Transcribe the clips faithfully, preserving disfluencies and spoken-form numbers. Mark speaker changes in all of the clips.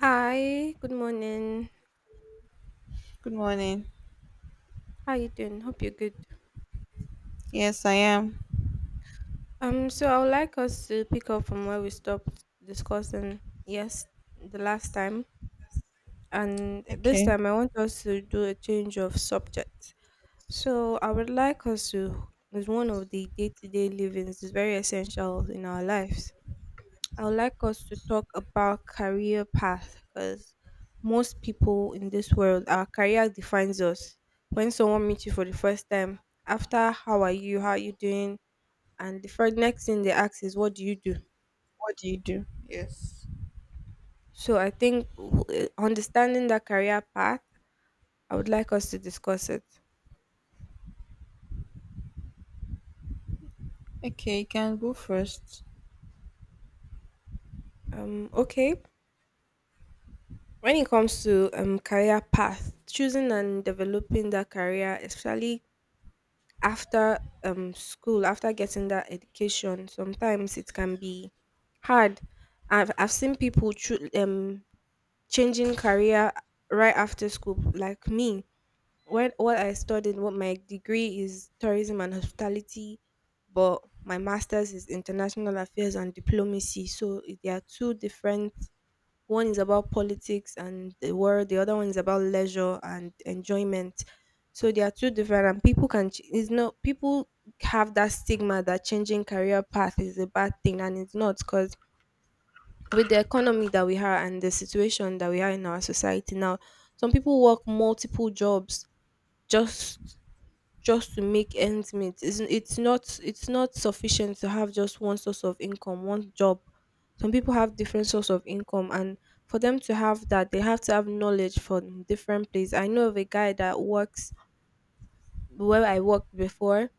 Speaker 1: Hi, good morning.
Speaker 2: Good morning.
Speaker 1: How you doing? Hope you're good.
Speaker 2: Yes, I am.
Speaker 1: Um, so I would like us to pick up from where we stopped discussing, yes, the last time, and this
Speaker 2: Okay.
Speaker 1: time I want us to do a change of subject. So I would like us to, is one of the day-to-day livings is very essential in our lives. I would like us to talk about career path because most people in this world, our career defines us. When someone meets you for the first time, after how are you, how are you doing, and the first next thing they ask is what do you do.
Speaker 2: What do you do? Yes.
Speaker 1: So I think w- eh, understanding that career path, I would like us to discuss it.
Speaker 2: Okay, you can go first.
Speaker 1: Um, okay. When it comes to um career path, choosing and developing that career, especially after um school, after getting that education, sometimes it can be hard. I've, I've seen people choo- um changing career right after school, like me. When what I studied, what my degree is, tourism and hospitality, but my master's is international affairs and diplomacy, so it- they are two different. One is about politics and the world. The other one is about leisure and enjoyment. So they are two different, and people can. ch- it's not, people have that stigma that changing career path is a bad thing, and it's not, because with the economy that we have and the situation that we are in our society now, some people work multiple jobs, just just to make ends meet. It's, it's not it's not sufficient to have just one source of income, one job. Some people have different source of income, and for them to have that, they have to have knowledge from different places. I know of a guy that works where I worked before.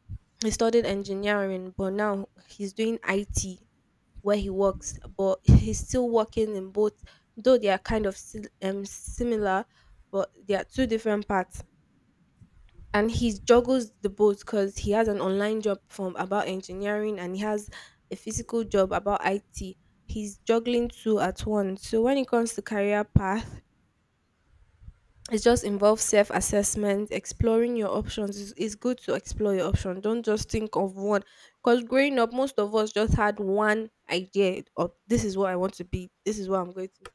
Speaker 1: He studied engineering, but now he's doing I T where he works, but he's still working in both, though they are kind of sil- um, similar, but they are two different parts, and he juggles the both because he has an online job from about engineering, and he has a physical job about I T. He's juggling two at once. So when it comes to career path, it just involves self assessment, exploring your options. It's, it's good to explore your option. Don't just think of one. Because growing up, most of us just had one idea of this is what I want to be, this is what I'm going to.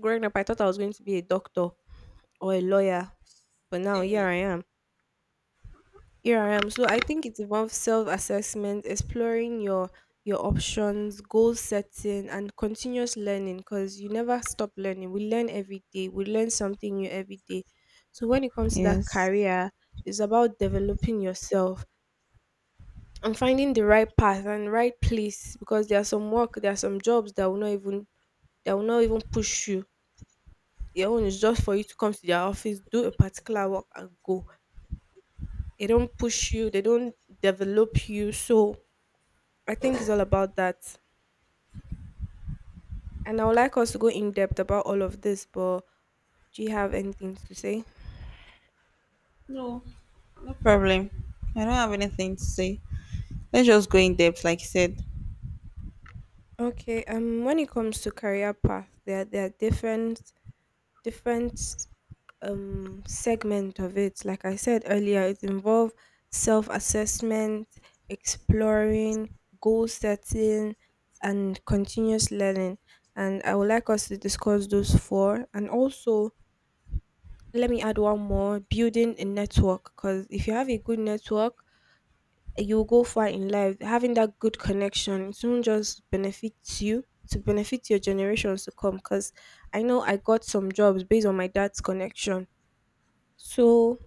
Speaker 1: Growing up, I thought I was going to be a doctor or a lawyer, but now
Speaker 2: Same
Speaker 1: here
Speaker 2: here.
Speaker 1: I am. Here I am. So I think it involves self-assessment, exploring your your options, goal setting, and continuous learning, because you never stop learning. We learn every day. We learn something new every day. So when it comes to that
Speaker 2: Yes.
Speaker 1: career, it's about developing yourself and finding the right path and right place, because there are some work, there are some jobs that will not even, that will not even push you. Their own is just for you to come to their office, do a particular work, and go. They don't push you. They don't develop you. So I think it's all about that. And I would like us to go in depth about all of this, but do you have anything to say?
Speaker 2: No, no problem. I don't have anything to say. Let's just go in depth, like you said.
Speaker 1: Okay, um when it comes to career path, there there are different different um segment of it. Like I said earlier, it involves self-assessment, exploring, goal setting, and continuous learning. And I would like us to discuss those four, and also let me add one more, building a network, because if you have a good network, you'll go far in life. Having that good connection, it won't just benefit you, to benefit your generations to come. Because I know I got some jobs based on my dad's connection. So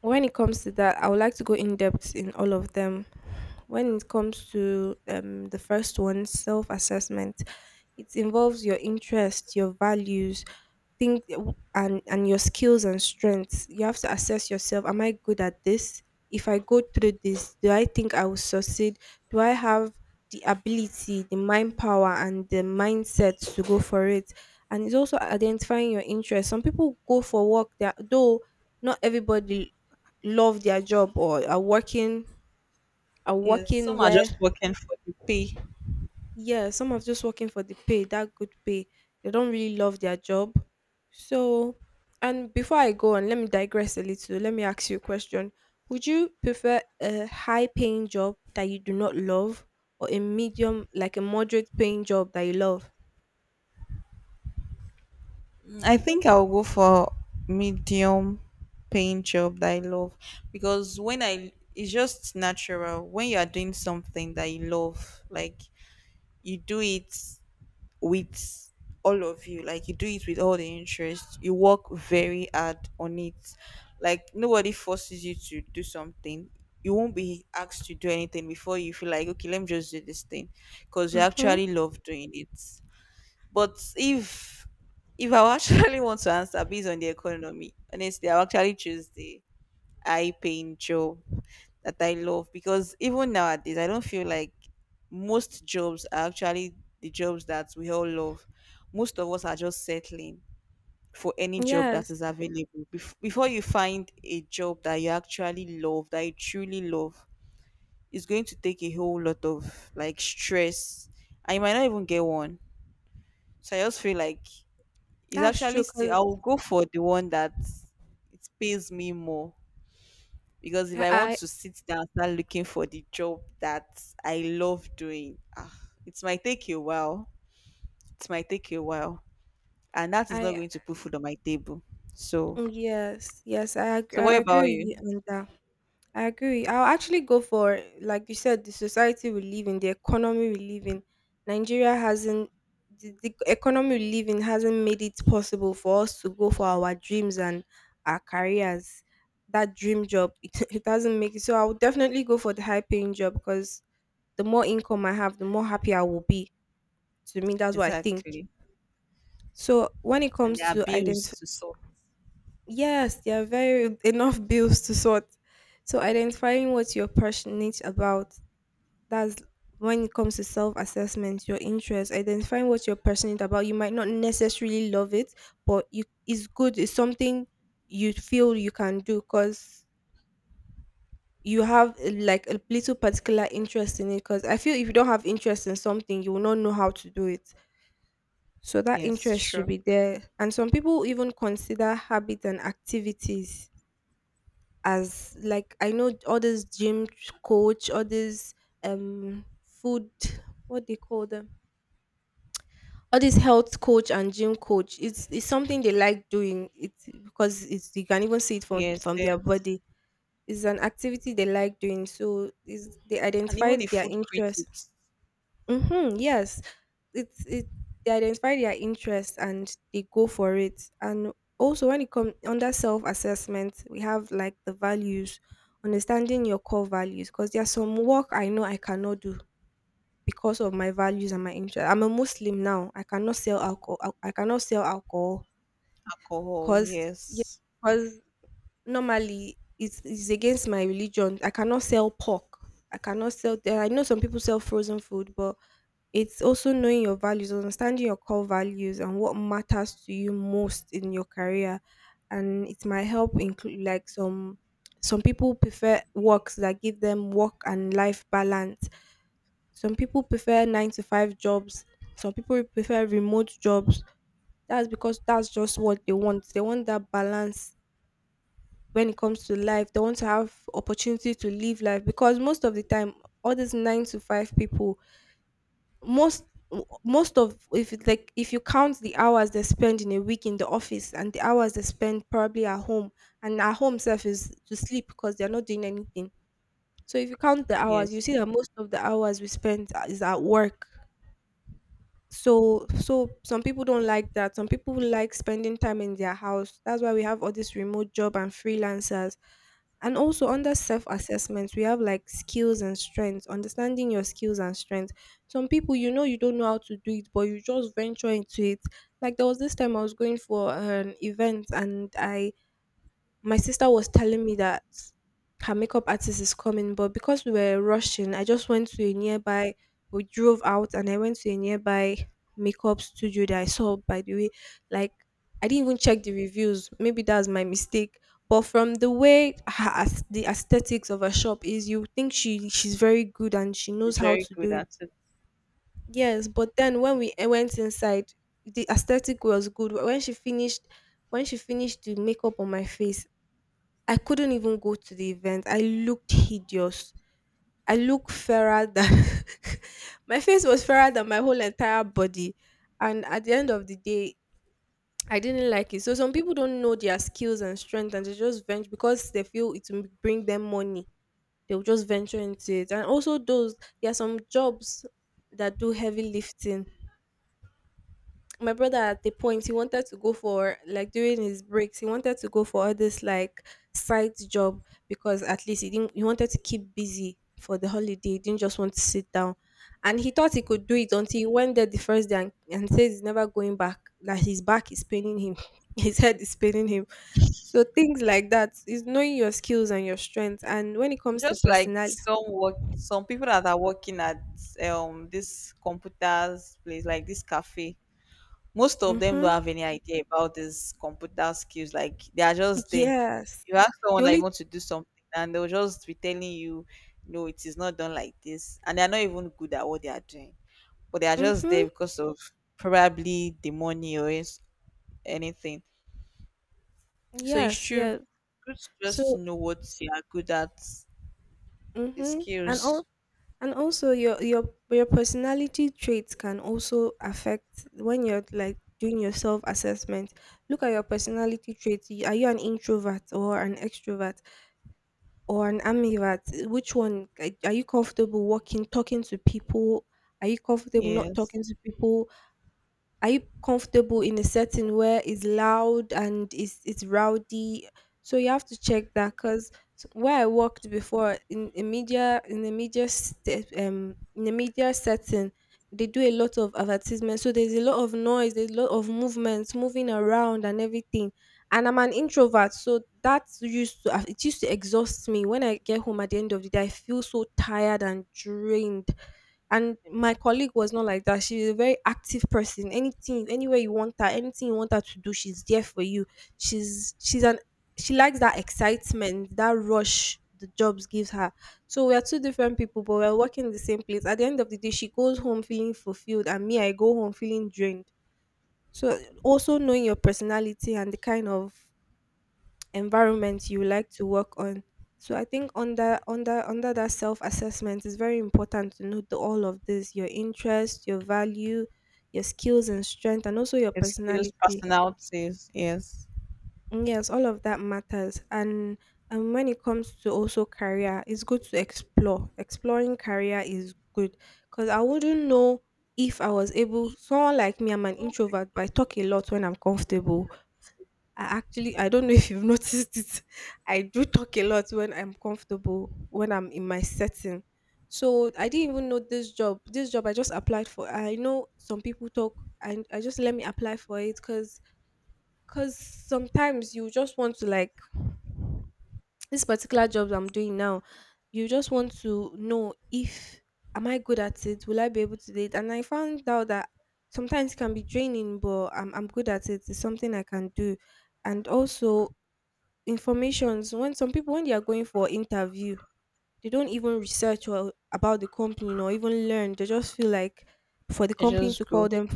Speaker 1: when it comes to that, I would like to go in depth in all of them. When it comes to um, the first one, self assessment, it involves your interests, your values, think, and and your skills and strengths. You have to assess yourself. Am I good at this? If I go through this, do I think I will succeed? Do I have the ability, the mind power, and the mindset to go for it? And it's also identifying your interests. Some people go for work that, though not everybody love their job, or are working are
Speaker 2: Yes,
Speaker 1: working
Speaker 2: some are just
Speaker 1: where,
Speaker 2: working for the pay.
Speaker 1: yeah, some are just working for the pay, that good pay, they don't really love their job. So, and before I go on, let me digress a little. Let me ask you a question: would you prefer a high paying job that you do not love, or a medium, like a moderate paying job that you love?
Speaker 2: Mm, I think I'll go for medium paying job that I love because when I it's just natural when you are doing something that you love, like you do it with all of you like you do it with all the interest you work very hard on it, like nobody forces you to do something, you won't be asked to do anything before you feel like okay let me just do this thing because you
Speaker 1: Mhm.
Speaker 2: actually love doing it. But if if I would actually want to answer based on the economy, honestly I would actually choose the high paying job that I love, because even nowadays I don't feel like most jobs are actually the jobs that we all love. Most of us are just settling for any job that
Speaker 1: Yes,
Speaker 2: is available. Bef- before you find a job that you actually love, that you truly love, it's going to take a whole lot of like stress, and you might not even get one. So I just feel like it's
Speaker 1: that's
Speaker 2: actually
Speaker 1: true
Speaker 2: still
Speaker 1: 'cause
Speaker 2: I'll go for the one that it pays me more, because if I want
Speaker 1: I
Speaker 2: to sit down and start looking for the job that I love doing, ah, it might take you a while. It might take you a while, and that is not
Speaker 1: I
Speaker 2: going to put food on my table.
Speaker 1: I
Speaker 2: So,
Speaker 1: yes, yes, I ag
Speaker 2: so
Speaker 1: I
Speaker 2: what
Speaker 1: agree
Speaker 2: about
Speaker 1: with
Speaker 2: you?
Speaker 1: you on that. I agree. I'll actually go for, like you said, the society we live in, the economy we live in. Nigeria hasn't, the, the economy we live in hasn't made it possible for us to go for our dreams and our careers. That dream job, it, it doesn't make it. So I would definitely go for the high paying job, because the more income I have, the more happy I will be. To me, that's what I think.
Speaker 2: Exactly,
Speaker 1: So when it
Speaker 2: and there
Speaker 1: comes
Speaker 2: are
Speaker 1: to identify,
Speaker 2: bills to solve.
Speaker 1: yes, there are very enough bills to sort. So identifying what you're passionate about, that's, when it comes to self-assessment, your interest, identifying what you're passionate about, you might not necessarily love it, but you, it's good, it's something you feel you can do, because you have uh, like a little particular interest in it, because I feel if you don't have interest in something, you will not know how to do it. So that
Speaker 2: Yes,
Speaker 1: interest should
Speaker 2: sure.
Speaker 1: be there, and some people even consider habits and activities as, like, I know all this gym coach, all this um food, what they call them, all this health coach and gym coach, it's it's something they like doing. It's because it's, you can even see it from
Speaker 2: Yes,
Speaker 1: from their
Speaker 2: yes,
Speaker 1: body. It's an activity they like doing, so is they
Speaker 2: and even the
Speaker 1: identified their
Speaker 2: food
Speaker 1: interest.
Speaker 2: critics,
Speaker 1: Mm-hmm, yes. it's it They identify their interest and they go for it. And also, when it comes under self-assessment, we have like the values, understanding your core values, because there are some work I know I cannot do because of my values and my interest. I'm a Muslim now. I cannot sell alcohol. I I cannot sell alcohol
Speaker 2: alcohol.
Speaker 1: because, yeah,
Speaker 2: Yes,
Speaker 1: because normally it's, it's against my religion. I cannot sell pork. I cannot sell. th- I know some people sell frozen food, but it's also knowing your values, understanding your core values, and what matters to you most in your career, and it might help include, like, some some people prefer works that give them work and life balance, some people prefer nine to five jobs. Some people prefer remote jobs. That's because that's just what they want. They want that balance when it comes to life. They want to have opportunity to live life, because most of the time, all these nine to five people, most most of, if it, like, if you count the hours they spend in a week in the office and the hours they spend probably at home, and at home self is to sleep because they're not doing anything. So if you count the hours, you
Speaker 2: yes,
Speaker 1: see that most of the hours we spend is at work, so so some people don't like that, some people like spending time in their house, that's why we have all this remote job and freelancers. And also, under self assessments, we have like skills and strengths, understanding your skills and strengths. Some people, you know you don't know how to do it, but you just venture into it. Like, there was this time I was going for an event, and I my sister was telling me that her makeup artist is coming, but because we were rushing, I just went to a nearby. We drove out, and I went to a nearby makeup studio that I saw. By the way, like, I didn't even check the reviews. Maybe that's my mistake. But from the way her, as- the aesthetics of her shop is, you think she she's very good and she knows
Speaker 2: it's
Speaker 1: how
Speaker 2: very
Speaker 1: to do
Speaker 2: good
Speaker 1: it.
Speaker 2: at it.
Speaker 1: Yes, but then when we uh, went inside, the aesthetic was good. When she finished, when she finished the makeup on my face, I couldn't even go to the event. I looked hideous. I looked fairer than my face was fairer than my whole entire body. And at the end of the day, I didn't like it. So some people don't know their skills and strength, and they just venture because they feel it will bring them money. They'll just venture into it. And also those there are some jobs that do heavy lifting. My brother, at the point he wanted to go for, like, during his breaks he wanted to go for all this like side job because at least he didn't he wanted to keep busy for the holiday. He didn't just want to sit down and he thought he could do it until he went there the first day, and, and says he's never going back. That his back is paining him, his head is paining him. So things like that is knowing your skills and your strengths. And when it comes to
Speaker 2: Just like
Speaker 1: personality,
Speaker 2: some work, some people that are working at um this computers place like this cafe, most of them don't have
Speaker 1: mm-hmm,
Speaker 2: any idea about these computer skills. Like they are just there.
Speaker 1: yes,
Speaker 2: You ask
Speaker 1: the
Speaker 2: someone that you
Speaker 1: only,
Speaker 2: want to do something, and they'll just be telling you, "No, it is not done like this," and they are not even good at what they are doing. But they are just there
Speaker 1: mm-hmm,
Speaker 2: because of probably the money or is- anything. So it's
Speaker 1: yes,
Speaker 2: true.
Speaker 1: yeah,
Speaker 2: Good to just
Speaker 1: so.
Speaker 2: know what you are good at, the
Speaker 1: Mm-hmm. And
Speaker 2: skills.
Speaker 1: all and also your your your personality traits can also affect when you're like doing your self assessment. Look at your personality traits. Y- Are you an introvert or an extrovert or an ambivert? Which one are are you? Comfortable walking, talking to people? Are you comfortable not
Speaker 2: Yes,
Speaker 1: talking to people? Are you comfortable in a setting where it's loud and it's it's rowdy? So you have to check that. Because where I worked before, in a media, in the media st- um in the media setting, they do a lot of advertisement. So there's a lot of noise, there's a lot of movements moving around and everything. And I'm an introvert, so that used to it used to exhaust me. When I get home at the end of the day, I feel so tired and drained. And my colleague was not like that. She's a very active person. Anything, anywhere you want her, anything you want her to do, she's there for you. She's she's an, she likes that excitement, that rush the jobs gives her. So we are two different people, but we're working in the same place. At the end of the day, she goes home feeling fulfilled, and me, I go home feeling drained. So also knowing your personality and the kind of environment you would like to work on. So I think under under under that self assessment, it's very important to note the- all of this: your interest, your value, your skills and strength, and also your
Speaker 2: the skills,
Speaker 1: personality.
Speaker 2: personalities. Yes,
Speaker 1: Mm, yes, all of that matters. And and when it comes to also career, it's good to explore. Exploring career is good because I wouldn't know if I was able. Someone like me, I'm an introvert, but I talk a lot when I'm comfortable. I actually, I don't know if you've noticed it. I do talk a lot when I'm comfortable, when I'm in my setting. So I didn't even know this job. This job I just applied for. I know some people talk and I just, let me apply for it. because because sometimes you just want to like, this particular job I'm doing now, you just want to know if, am I good at it? Will I be able to do it? And I found out that sometimes it can be draining, but I'm I'm good at it. It's something I can do. And also informations, when some people, when they are going for interview, they don't even research or about the company or even learn. They just feel like, for the
Speaker 2: and
Speaker 1: company to
Speaker 2: just
Speaker 1: call
Speaker 2: go.
Speaker 1: them.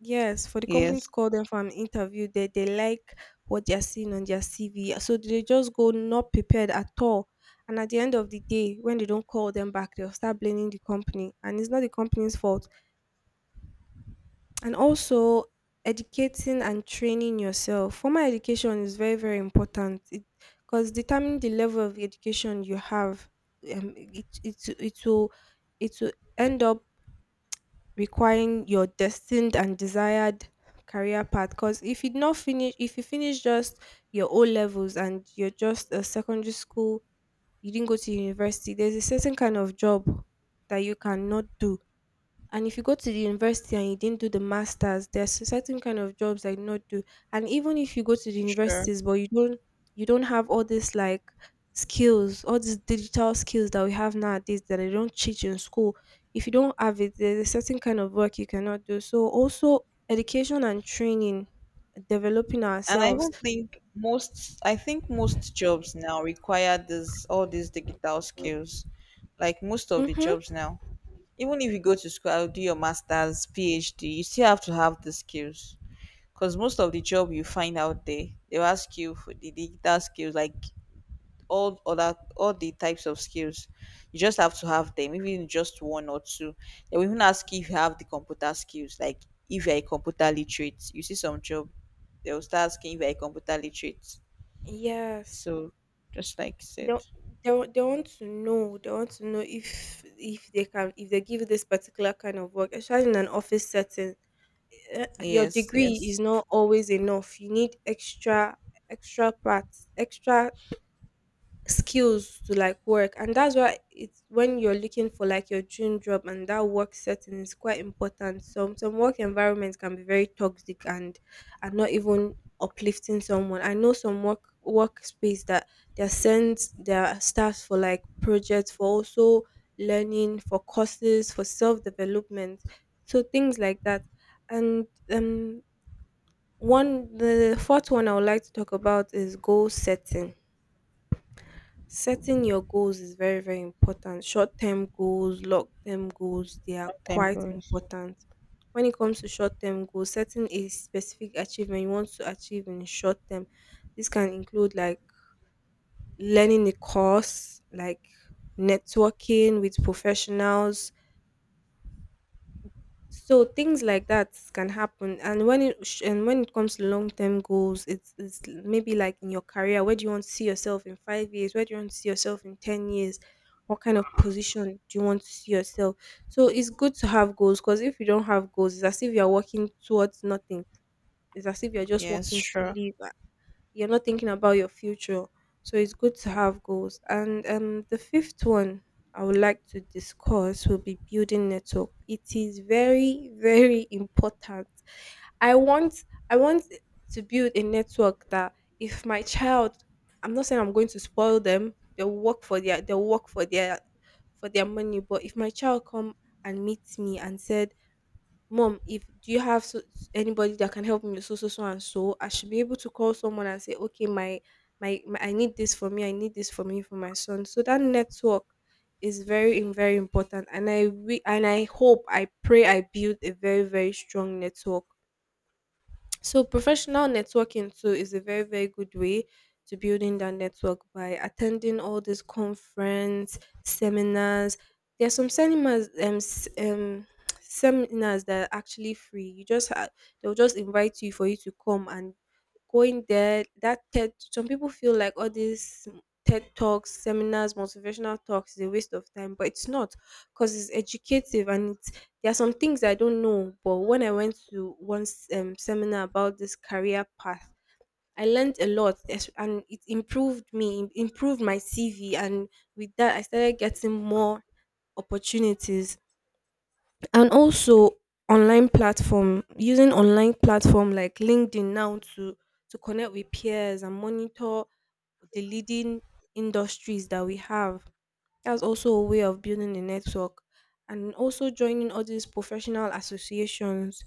Speaker 1: Yes, for the company to
Speaker 2: Yes,
Speaker 1: call them for an interview, they they like what they're seeing on their C V. So they just go not prepared at all. And at the end of the day, when they don't call them back, they'll start blaming the company. And it's not the company's fault. And also educating and training yourself. Formal education is very, very important. It, because determining the level of education you have, um, it, it, it will it will end up requiring your destined and desired career path. Because if you not finish, if you finish just your O levels and you're just a secondary school, you didn't go to university, there's a certain kind of job that you cannot do. And if you go to the university and you didn't do the masters, there's a certain kind of jobs I did not do. And even if you go to the
Speaker 2: sure.
Speaker 1: universities, but you don't, you don't have all these like skills, all these digital skills that we have nowadays that they don't teach in school. If you don't have it, there's a certain kind of work you cannot do. So also education and training, developing
Speaker 2: And I
Speaker 1: ourselves.
Speaker 2: don't think most I think most jobs now require this, all these digital skills. Like most of the
Speaker 1: Mm-hmm.
Speaker 2: jobs now. Even if you go to school, do your master's, PhD, you still have to have the skills. Because most of the job you find out there, they'll ask you for the digital skills like all other all the types of skills. You just have to have them, even just one or two. They will even ask you if you have the computer skills, like if you're a computer literate. You see some job, they'll start asking if you're a computer literate.
Speaker 1: Yes.
Speaker 2: So just like you
Speaker 1: they,
Speaker 2: said.
Speaker 1: wa- they, wa- they want to know, they want to know if if they can, if they give this particular kind of work, especially in an office setting, eh, your
Speaker 2: Yes,
Speaker 1: degree
Speaker 2: yes.
Speaker 1: is not always enough. You need extra, extra parts, extra skills to like work. And that's why it's, when you're looking for like your dream job, and that work setting is quite important. some some work environments can be very toxic and are not even uplifting. Someone I know, some work workspace that they send their staff for like projects, for also learning, for courses, for self-development. So things like that. And um one, the fourth one I would like to talk about is goal setting. Setting your goals is very, very important. Short term goals, long term goals, they are
Speaker 2: Nothing
Speaker 1: quite
Speaker 2: goes.
Speaker 1: important. When it comes to short term goals, setting a specific achievement you want to achieve in short term, this can include like learning a course, like networking with professionals, so things like that can happen. And when it sh- and when it comes to long-term goals, it's, it's maybe like in your career, where do you want to see yourself in five years, where do you want to see yourself in ten years, what kind of position do you want to see yourself. So it's good to have goals, because if you don't have goals, it's as if you're working towards nothing. It's as if you're just
Speaker 2: Yes,
Speaker 1: working to
Speaker 2: sure.
Speaker 1: live. You're not thinking about your future. So it's good to have goals. And um, the fifth one I would like to discuss will be building network. It is very, very important. I want I want to build a network that, if my child, I'm not saying I'm going to spoil them. They'll work for their they'll work for their, for their money. But if my child come and meets me and said, Mom, if do you have so, anybody that can help me with so so so and so, I should be able to call someone and say, okay, my, my my I need this for me, I need this for me for my son. So that network is very im- very important. And I re- and I hope, I pray I build a very, very strong network. So professional networking too is a very, very good way to building that network by attending all these conference, seminars. There are some seminars, um, s- um seminars that are actually free. You just ha-, they'll just invite you for you to come and going there. That TED, some people feel like all these TED talks, seminars, motivational talks is a waste of time, but it's not. Because it's educative. And there are some things I don't know, but when I went to one s- um, seminar about this career path, I learned a lot, es- and it improved me, im- improved my C V. And with that, I started getting more opportunities. And also, online platform, using online platform like LinkedIn now to, to connect with peers and monitor the leading industries that we have. That's also a way of building a network. And also joining all these professional associations,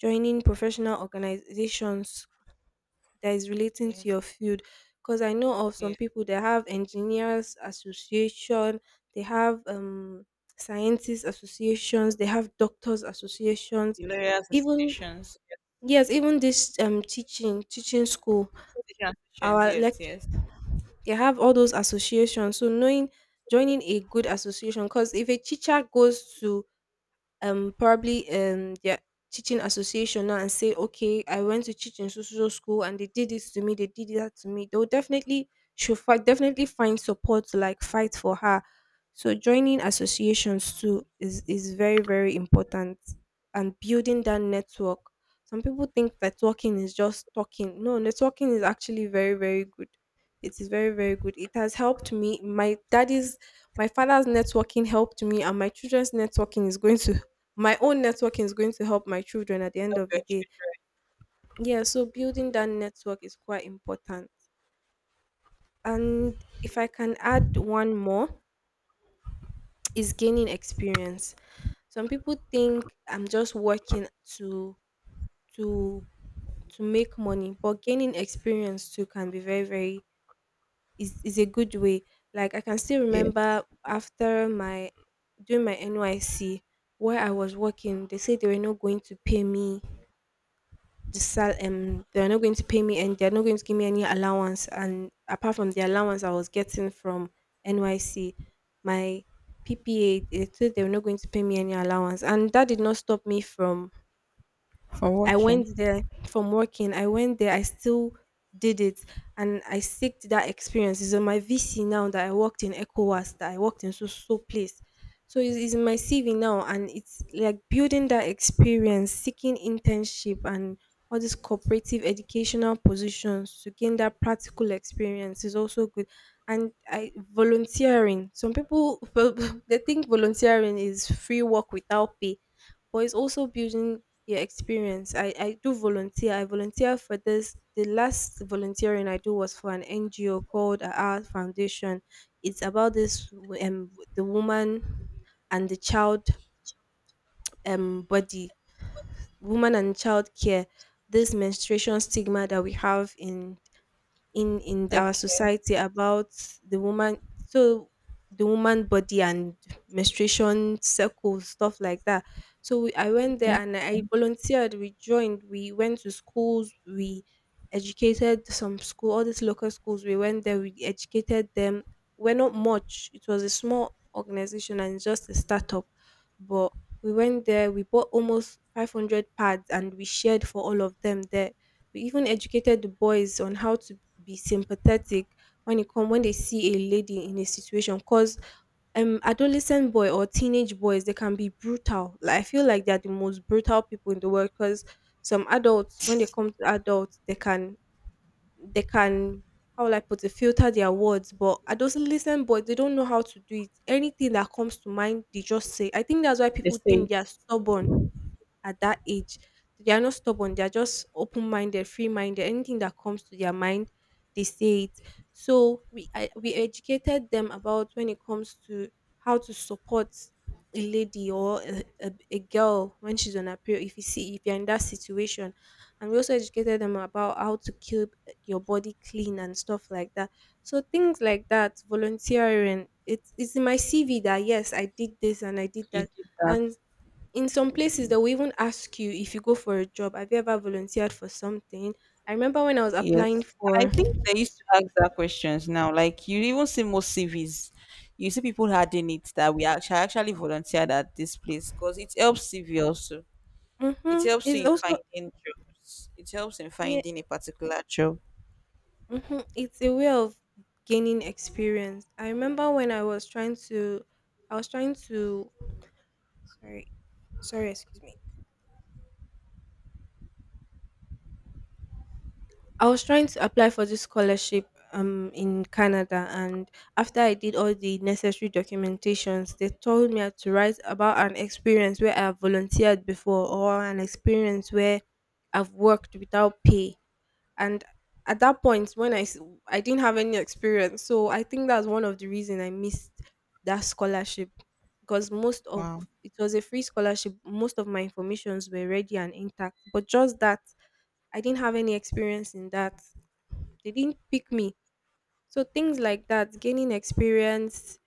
Speaker 1: joining professional organizations that is relating to
Speaker 2: Yes,
Speaker 1: your field. Because I know of some
Speaker 2: yes.
Speaker 1: people that have engineers association, they have um scientists associations, they have doctors associations,
Speaker 2: The lawyers
Speaker 1: even,
Speaker 2: associations. Yes,
Speaker 1: yes, even this um teaching, teaching school,
Speaker 2: association associations,
Speaker 1: our
Speaker 2: yes,
Speaker 1: lecture,
Speaker 2: yes.
Speaker 1: they have all those associations. So knowing, joining a good association. Because if a teacher goes to um probably um their teaching association now and say, okay, I went to teach in social school and they did this to me, they did that to me, they'll definitely should fight, definitely find support to like fight for her. So joining associations too is is very, very important. And building that network. Some people think that talking is just talking. No, networking is actually very, very good. It is very, very good. It has helped me. My daddy's my father's networking helped me. And my children's networking is going to my own networking is going to help my children at the end
Speaker 2: Help
Speaker 1: of the
Speaker 2: your
Speaker 1: day. Yeah, so building that network is quite important. And if I can add one more, is gaining experience. Some people think I'm just working to to to make money. But gaining experience too can be very, very, is is a good way. Like I can still
Speaker 2: children. Yes.
Speaker 1: remember after my doing my N Y C where I was working, they said they were not going to pay me. Just tell um They're not going to pay me, and they're not going to give me any allowance. And apart from the allowance I was getting from N Y C, my P P A, they said they were not going to pay me any allowance, and that did not stop me from
Speaker 2: For
Speaker 1: I
Speaker 2: working.
Speaker 1: went there from working. I went there. I still did it, and I seeked that experience. It's on my V C now that I worked in ECOWAS, that I worked in so so place. So it's, it's in my C V now, and it's like building that experience, seeking internship, and all these cooperative educational positions to gain that practical experience is also good. And I volunteering. Some people they think volunteering is free work without pay, but it's also building your experience. I, I do volunteer. I volunteer for this. The last volunteering I do was for an N G O called Our Foundation. It's about this w- um the woman and the child um body, woman and child care, this menstruation stigma that we have in in in our
Speaker 2: Okay.
Speaker 1: society about the woman. So the woman body, and menstruation circles, stuff like that. So we, I went there
Speaker 2: Okay.
Speaker 1: and I volunteered. We joined. We went to schools. We educated some school, all these local schools. We went there. We educated them. We're not much. It was a small organization and just a startup, but we went there. We bought almost five hundred pads and we shared for all of them there. We even educated the boys on how to be sympathetic when it come when they see a lady in a situation, cause um adolescent boy or teenage boys, they can be brutal. Like I feel like they're the most brutal people in the world, because some adults, when they come to adults, they can they can how will I put it, filter their words. But adolescent boys, they don't know how to do it. Anything that comes to mind, they just say. I think that's why
Speaker 2: They
Speaker 1: people think
Speaker 2: say
Speaker 1: they're stubborn at that age. They are not stubborn. They are just open minded, free minded. Anything that comes to their mind, they say it. So we I, we educated them about when it comes to how to support a lady or a, a, a girl when she's on her period, if you see, if you're in that situation. And we also educated them about how to keep your body clean and stuff like that. So things like that, volunteering. It's it's in my C V that yes, I did this and I did
Speaker 2: you
Speaker 1: that.
Speaker 2: did that.
Speaker 1: And in some places, they will even ask you if you go for a job, have you ever volunteered for something? I remember when I was
Speaker 2: Yes.
Speaker 1: applying
Speaker 2: And
Speaker 1: for.
Speaker 2: I think they used to ask that questions now. Like you even see most C Vs, you see people adding it that we actually actually volunteered at this place because it helps C V also. It
Speaker 1: Mm-hmm,
Speaker 2: helps you
Speaker 1: it's
Speaker 2: in
Speaker 1: also
Speaker 2: finding jobs. It helps in
Speaker 1: yeah.
Speaker 2: finding a particular job.
Speaker 1: Mm-hmm, it's a way of gaining experience. I remember when I was trying to, I was trying to. Sorry, sorry, excuse me. I was trying to apply for this scholarship um in Canada, and after I did all the necessary documentations, they told me I had to write about an experience where I have volunteered before, or an experience where I've worked without pay. And at that point, when I s- I didn't have any experience, so I think that's one of the reason I missed that scholarship. Because most of
Speaker 2: Wow.
Speaker 1: it was a free scholarship, most of my informations were ready and intact, but just that I didn't have any experience in that, they didn't pick me. So things like that, gaining experience,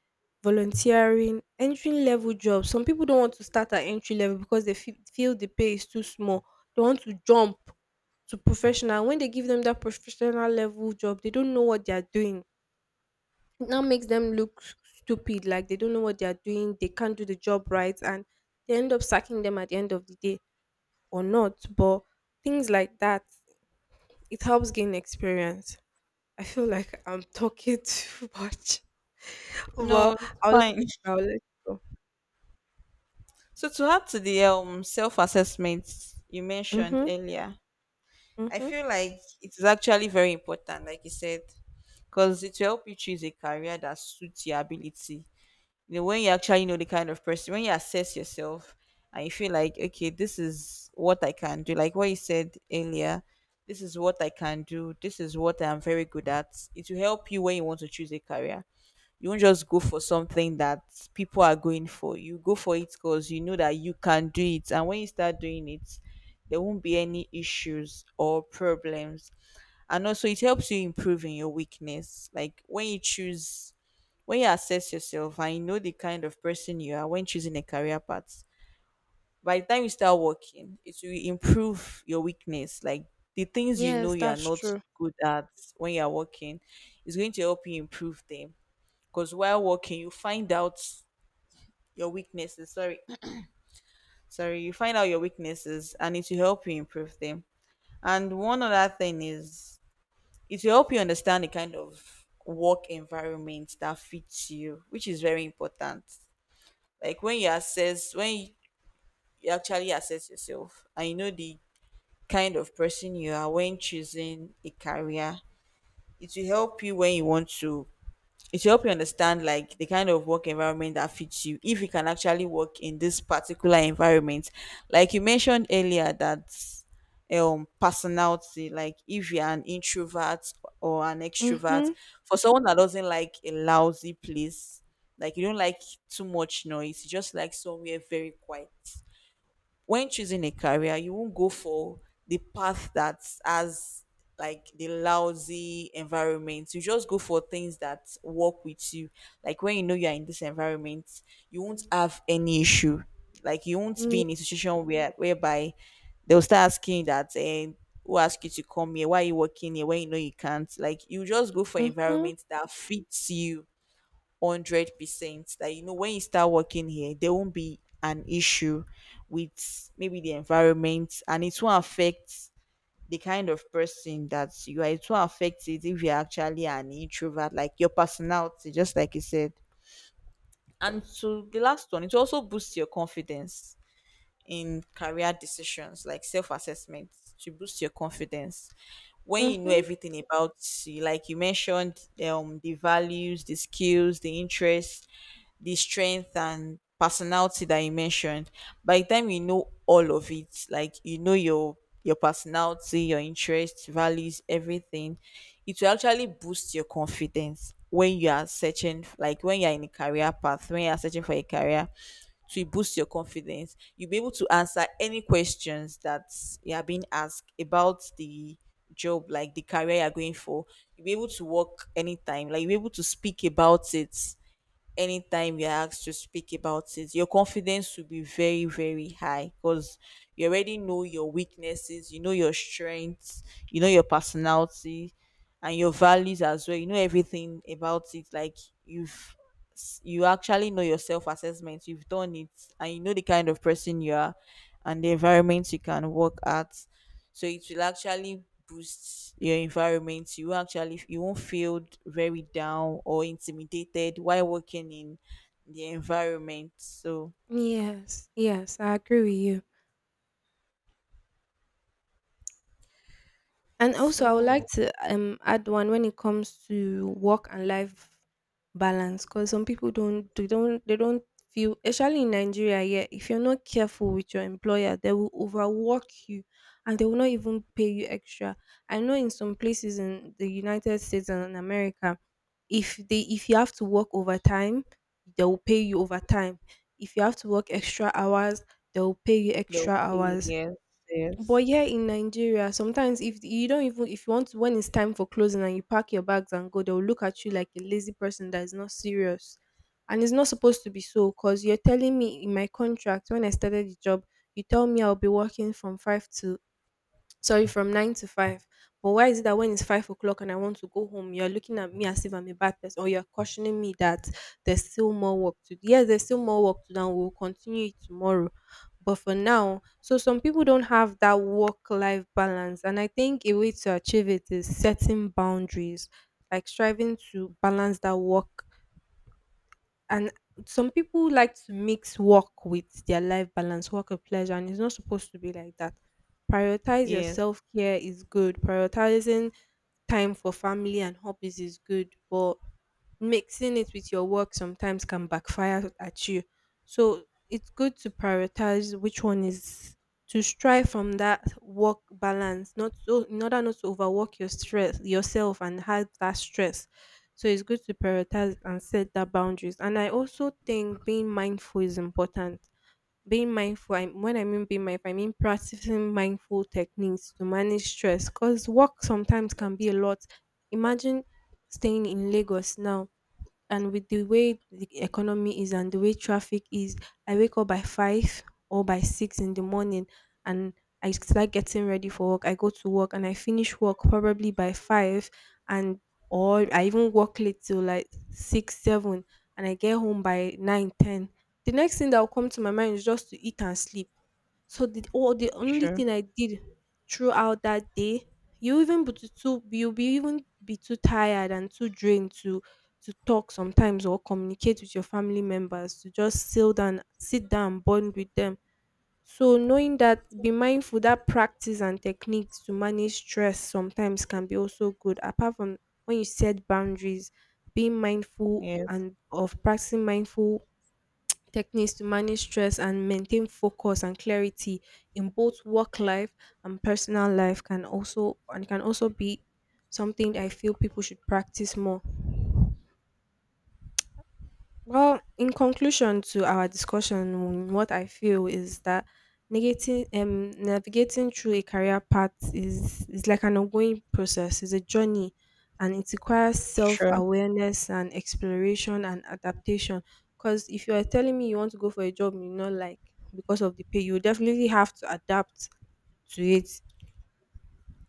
Speaker 1: volunteering, entry level jobs. Some people don't want to start at entry level because they fe- feel the pay is too small. They want to jump to professional. When they give them that professional level job, they don't know what they are doing. It now makes them look stupid, like they don't know what they are doing, they can't do the job right, and they end up sacking them at the end of the day or not. But things like that, it helps gain experience. I feel like I'm talking too much,
Speaker 2: No,
Speaker 1: but
Speaker 2: it's
Speaker 1: I'll let
Speaker 2: fine.
Speaker 1: I'll let you go.
Speaker 2: So to add to the um self-assessment you mentioned
Speaker 1: Mhm,
Speaker 2: earlier, I
Speaker 1: mhm.
Speaker 2: feel like it is actually very important, like you said, because it will help you choose a career that suits your ability. You know, when you actually know the kind of person, when you assess yourself and you feel like, okay, this is what I can do, like what you said earlier, this is what I can do, this is what I'm very good at. It will help you when you want to choose a career. You won't just go for something that people are going for. You go for it because you know that you can do it. And when you start doing it, there won't be any issues or problems. And also, it helps you improve in your weakness. Like when you choose when you assess yourself and you know the kind of person you are when choosing a career path, by the time you start working, it will improve your weakness. Like the things you know
Speaker 1: Yes,
Speaker 2: you are
Speaker 1: that's
Speaker 2: not so
Speaker 1: true.
Speaker 2: good at, when you are working, is going to help you improve them. Because while working, you find out your weaknesses. Sorry, sorry, you find out your weaknesses, and it will help you improve them. And one other thing is, it will help you understand the kind of work environment that fits you, which is very important. Like when you assess when you actually assess yourself and you know the kind of person you are when choosing a career, it will help you when you want to, it will help you understand like the kind of work environment that fits you, if you can actually work in this particular environment. Like you mentioned earlier that um personality, like if you're an introvert or an extrovert,
Speaker 1: Mhm,
Speaker 2: for someone that doesn't like a lousy place, like you don't like too much noise, you just like somewhere very quiet. When choosing a career, you won't go for the path that has like the lousy environment. You just go for things that work with you. Like when you know you're in this environment, you won't have any issue. Like you won't
Speaker 1: ye-
Speaker 2: be in a situation where whereby they'll start asking that and who asked you to come here? Why are you working here? When you know you can't. Like you just go for
Speaker 1: mhm,
Speaker 2: environment that fits you hundred percent, that you know when you start working here there won't be an issue with maybe the environment, and it will affect the kind of person that you are, it will affect it if you're actually an introvert, like your personality, just like you said. And to the last one, it also boosts your confidence in career decisions. Like self-assessment to boost your confidence, when you know
Speaker 1: mhm.
Speaker 2: everything about you, like you mentioned um the values, the skills, the interests, the strength and personality that you mentioned, by the time you know all of it, like you know your your personality, your interests, values, everything, it will actually boost your confidence when you are searching, like when you're in a career path, when you're searching for a career to boost your confidence, you'll be able to answer any questions that you are being asked about the job, like the career you're going for. You'll be able to work anytime, like you'll be able to speak about it anytime you're asked to speak about it, your confidence will be very, very high because you already know your weaknesses, you know your strengths, you know your personality and your values as well. You know everything about it. Like you've you actually know your self assessment, you've done it, and you know the kind of person you are and the environment you can work at. So it will actually boost your environment, you won't actually you won't feel very down or intimidated while working in the environment. So
Speaker 1: Yes, yes, I agree with you. And also, I would like
Speaker 2: so
Speaker 1: to um add one when it comes to work and life balance. Because some people don't, they don't they don't feel, especially in Nigeria. Yeah, if you're not careful with your employer, they will overwork you, and they will not even pay you extra. I know in some places in the United States and in America, if they if you have to work overtime, they will pay you overtime. If you have to work extra hours, they will pay you
Speaker 2: they'll
Speaker 1: extra
Speaker 2: pay.
Speaker 1: hours.
Speaker 2: Yes,
Speaker 1: But
Speaker 2: yes,
Speaker 1: here in Nigeria, sometimes if you don't, even if you want to, when it's time for closing and you pack your bags and go, they'll look at you like a lazy person that is not serious. And it's not supposed to be so, because you're telling me in my contract when I started the job, you tell me I'll be working from five to sorry, from nine to five. But why is it that when it's five o'clock and I want to go home, you're looking at me as if I'm a bad person, or you're cautioning me that there's still more work to do? Yes, there's still more work to do, and we'll continue it tomorrow. But for now, so some people don't have that work life balance. And I think a way to achieve it is setting boundaries, like striving to balance that work, and some people like to mix work with their life balance, work and pleasure, and it's not supposed to be like that. Prioritize your
Speaker 2: yes,
Speaker 1: self care is good. Prioritizing time for family and hobbies is good, but mixing it with your work sometimes can backfire at you. So it's good to prioritize which one is to strive from that work balance, not so in order not to overwork your stress yourself and have that stress. So it's good to prioritize and set that boundaries. And I also think being mindful is important. Being mindful, I, when I mean being mindful, I mean practicing mindful techniques to manage stress, because work sometimes can be a lot. Imagine staying in Lagos now, and with the way the economy is and the way traffic is, I wake up by five or by six in the morning, and I start getting ready for work. I go to work and I finish work probably by five, and or I even work late till like six, seven, and I get home by nine, ten. The next thing that will come to my mind is just to eat and sleep. So the all the only
Speaker 2: sure,
Speaker 1: thing I did throughout that day, you even be too too- you'll be even be too tired and too drained to to talk sometimes, or communicate with your family members, to just sit down sit down bond with them. So knowing that, be mindful, that practice and techniques to manage stress sometimes can be also good. Apart from when you set boundaries, being mindful
Speaker 2: yes,
Speaker 1: and of practicing mindful techniques to manage stress and maintain focus and clarity in both work life and personal life can also, and can also be something I feel people should practice more. Well, in conclusion to our discussion, what I feel is that negating, um, navigating through a career path is, is like an ongoing process, it's a journey, and it requires self
Speaker 2: sure,
Speaker 1: awareness and exploration and adaptation. Because if you are telling me you want to go for a job you not like because of the pay, you definitely have to adapt to it,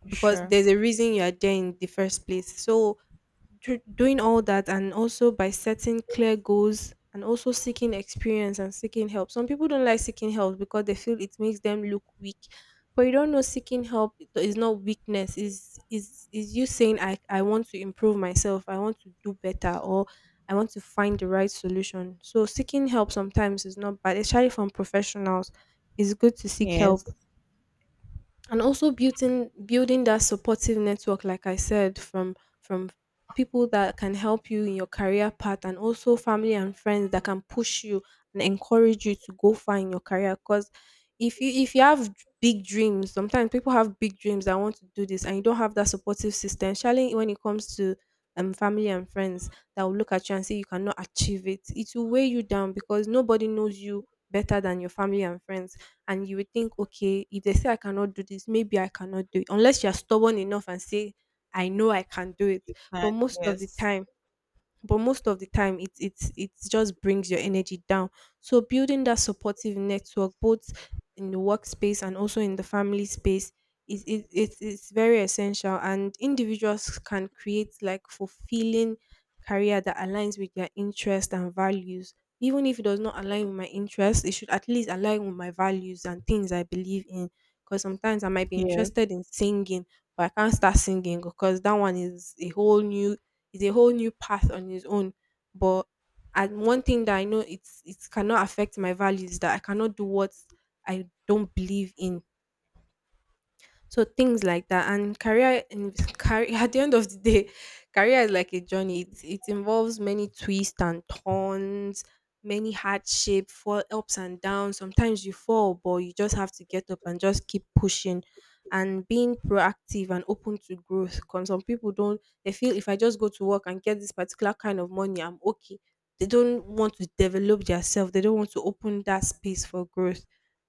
Speaker 1: because
Speaker 2: sure,
Speaker 1: there's a reason you are there in the first place. So, dr- doing all that, and also by setting clear goals and also seeking experience and seeking help. Some people don't like seeking help because they feel it makes them look weak. But you don't know, seeking help is not weakness, is is is you saying I, I want to improve myself, I want to do better, or I want to find the right solution. So seeking help sometimes is not bad, especially from professionals. It's good to seek
Speaker 2: yes,
Speaker 1: help, and also building building that supportive network, like I said, from from people that can help you in your career path, and also family and friends that can push you and encourage you to go far in your career. Because if you if you have d- big dreams, sometimes people have big dreams, I want to do this, and you don't have that supportive system, especially when it comes to um, family and friends that will look at you and say you cannot achieve it, it will weigh you down. Because nobody knows you better than your family and friends, and you would think, okay, if they say I cannot do this, maybe I cannot do it. Unless you're stubborn enough and say, I know I can do it. But
Speaker 2: and
Speaker 1: most of the
Speaker 2: yes,
Speaker 1: time, but most of the time, it it it just brings your energy down. So building that supportive network, both in the workspace and also in the family space, is it, it, it's very essential, and individuals can create like fulfilling career that aligns with their interests and values. Even if it does not align with my interests, it should at least align with my values and things I believe in. Because sometimes I might be
Speaker 2: yes,
Speaker 1: interested in singing, but I can't start singing, because that one is a whole new is a whole new path on his own. But, and one thing that I know it's, it cannot affect my values, that I cannot do what I don't believe in. So things like that, and career, in career at the end of the day, career is like a journey. It, it involves many twists and turns, many hardship, fall ups and downs. Sometimes you fall, but you just have to get up and just keep pushing, and being proactive and open to growth. Because some people don't, they feel if I just go to work and get this particular kind of money, I'm okay. They don't want to develop themselves. They don't want to open that space for growth.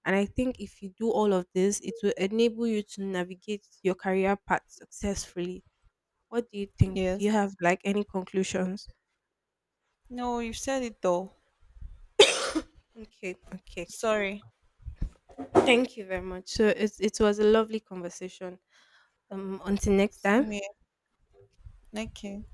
Speaker 1: And I think if you do all of this, it will enable you to navigate your career path successfully. What do you think? Do you
Speaker 2: yes.
Speaker 1: have like any conclusions?
Speaker 2: No, you said it though.
Speaker 1: Okay, okay.
Speaker 2: Sorry.
Speaker 1: Thank you very much. So it it was a lovely conversation. Um, until next
Speaker 2: See
Speaker 1: time.
Speaker 2: me. Okay.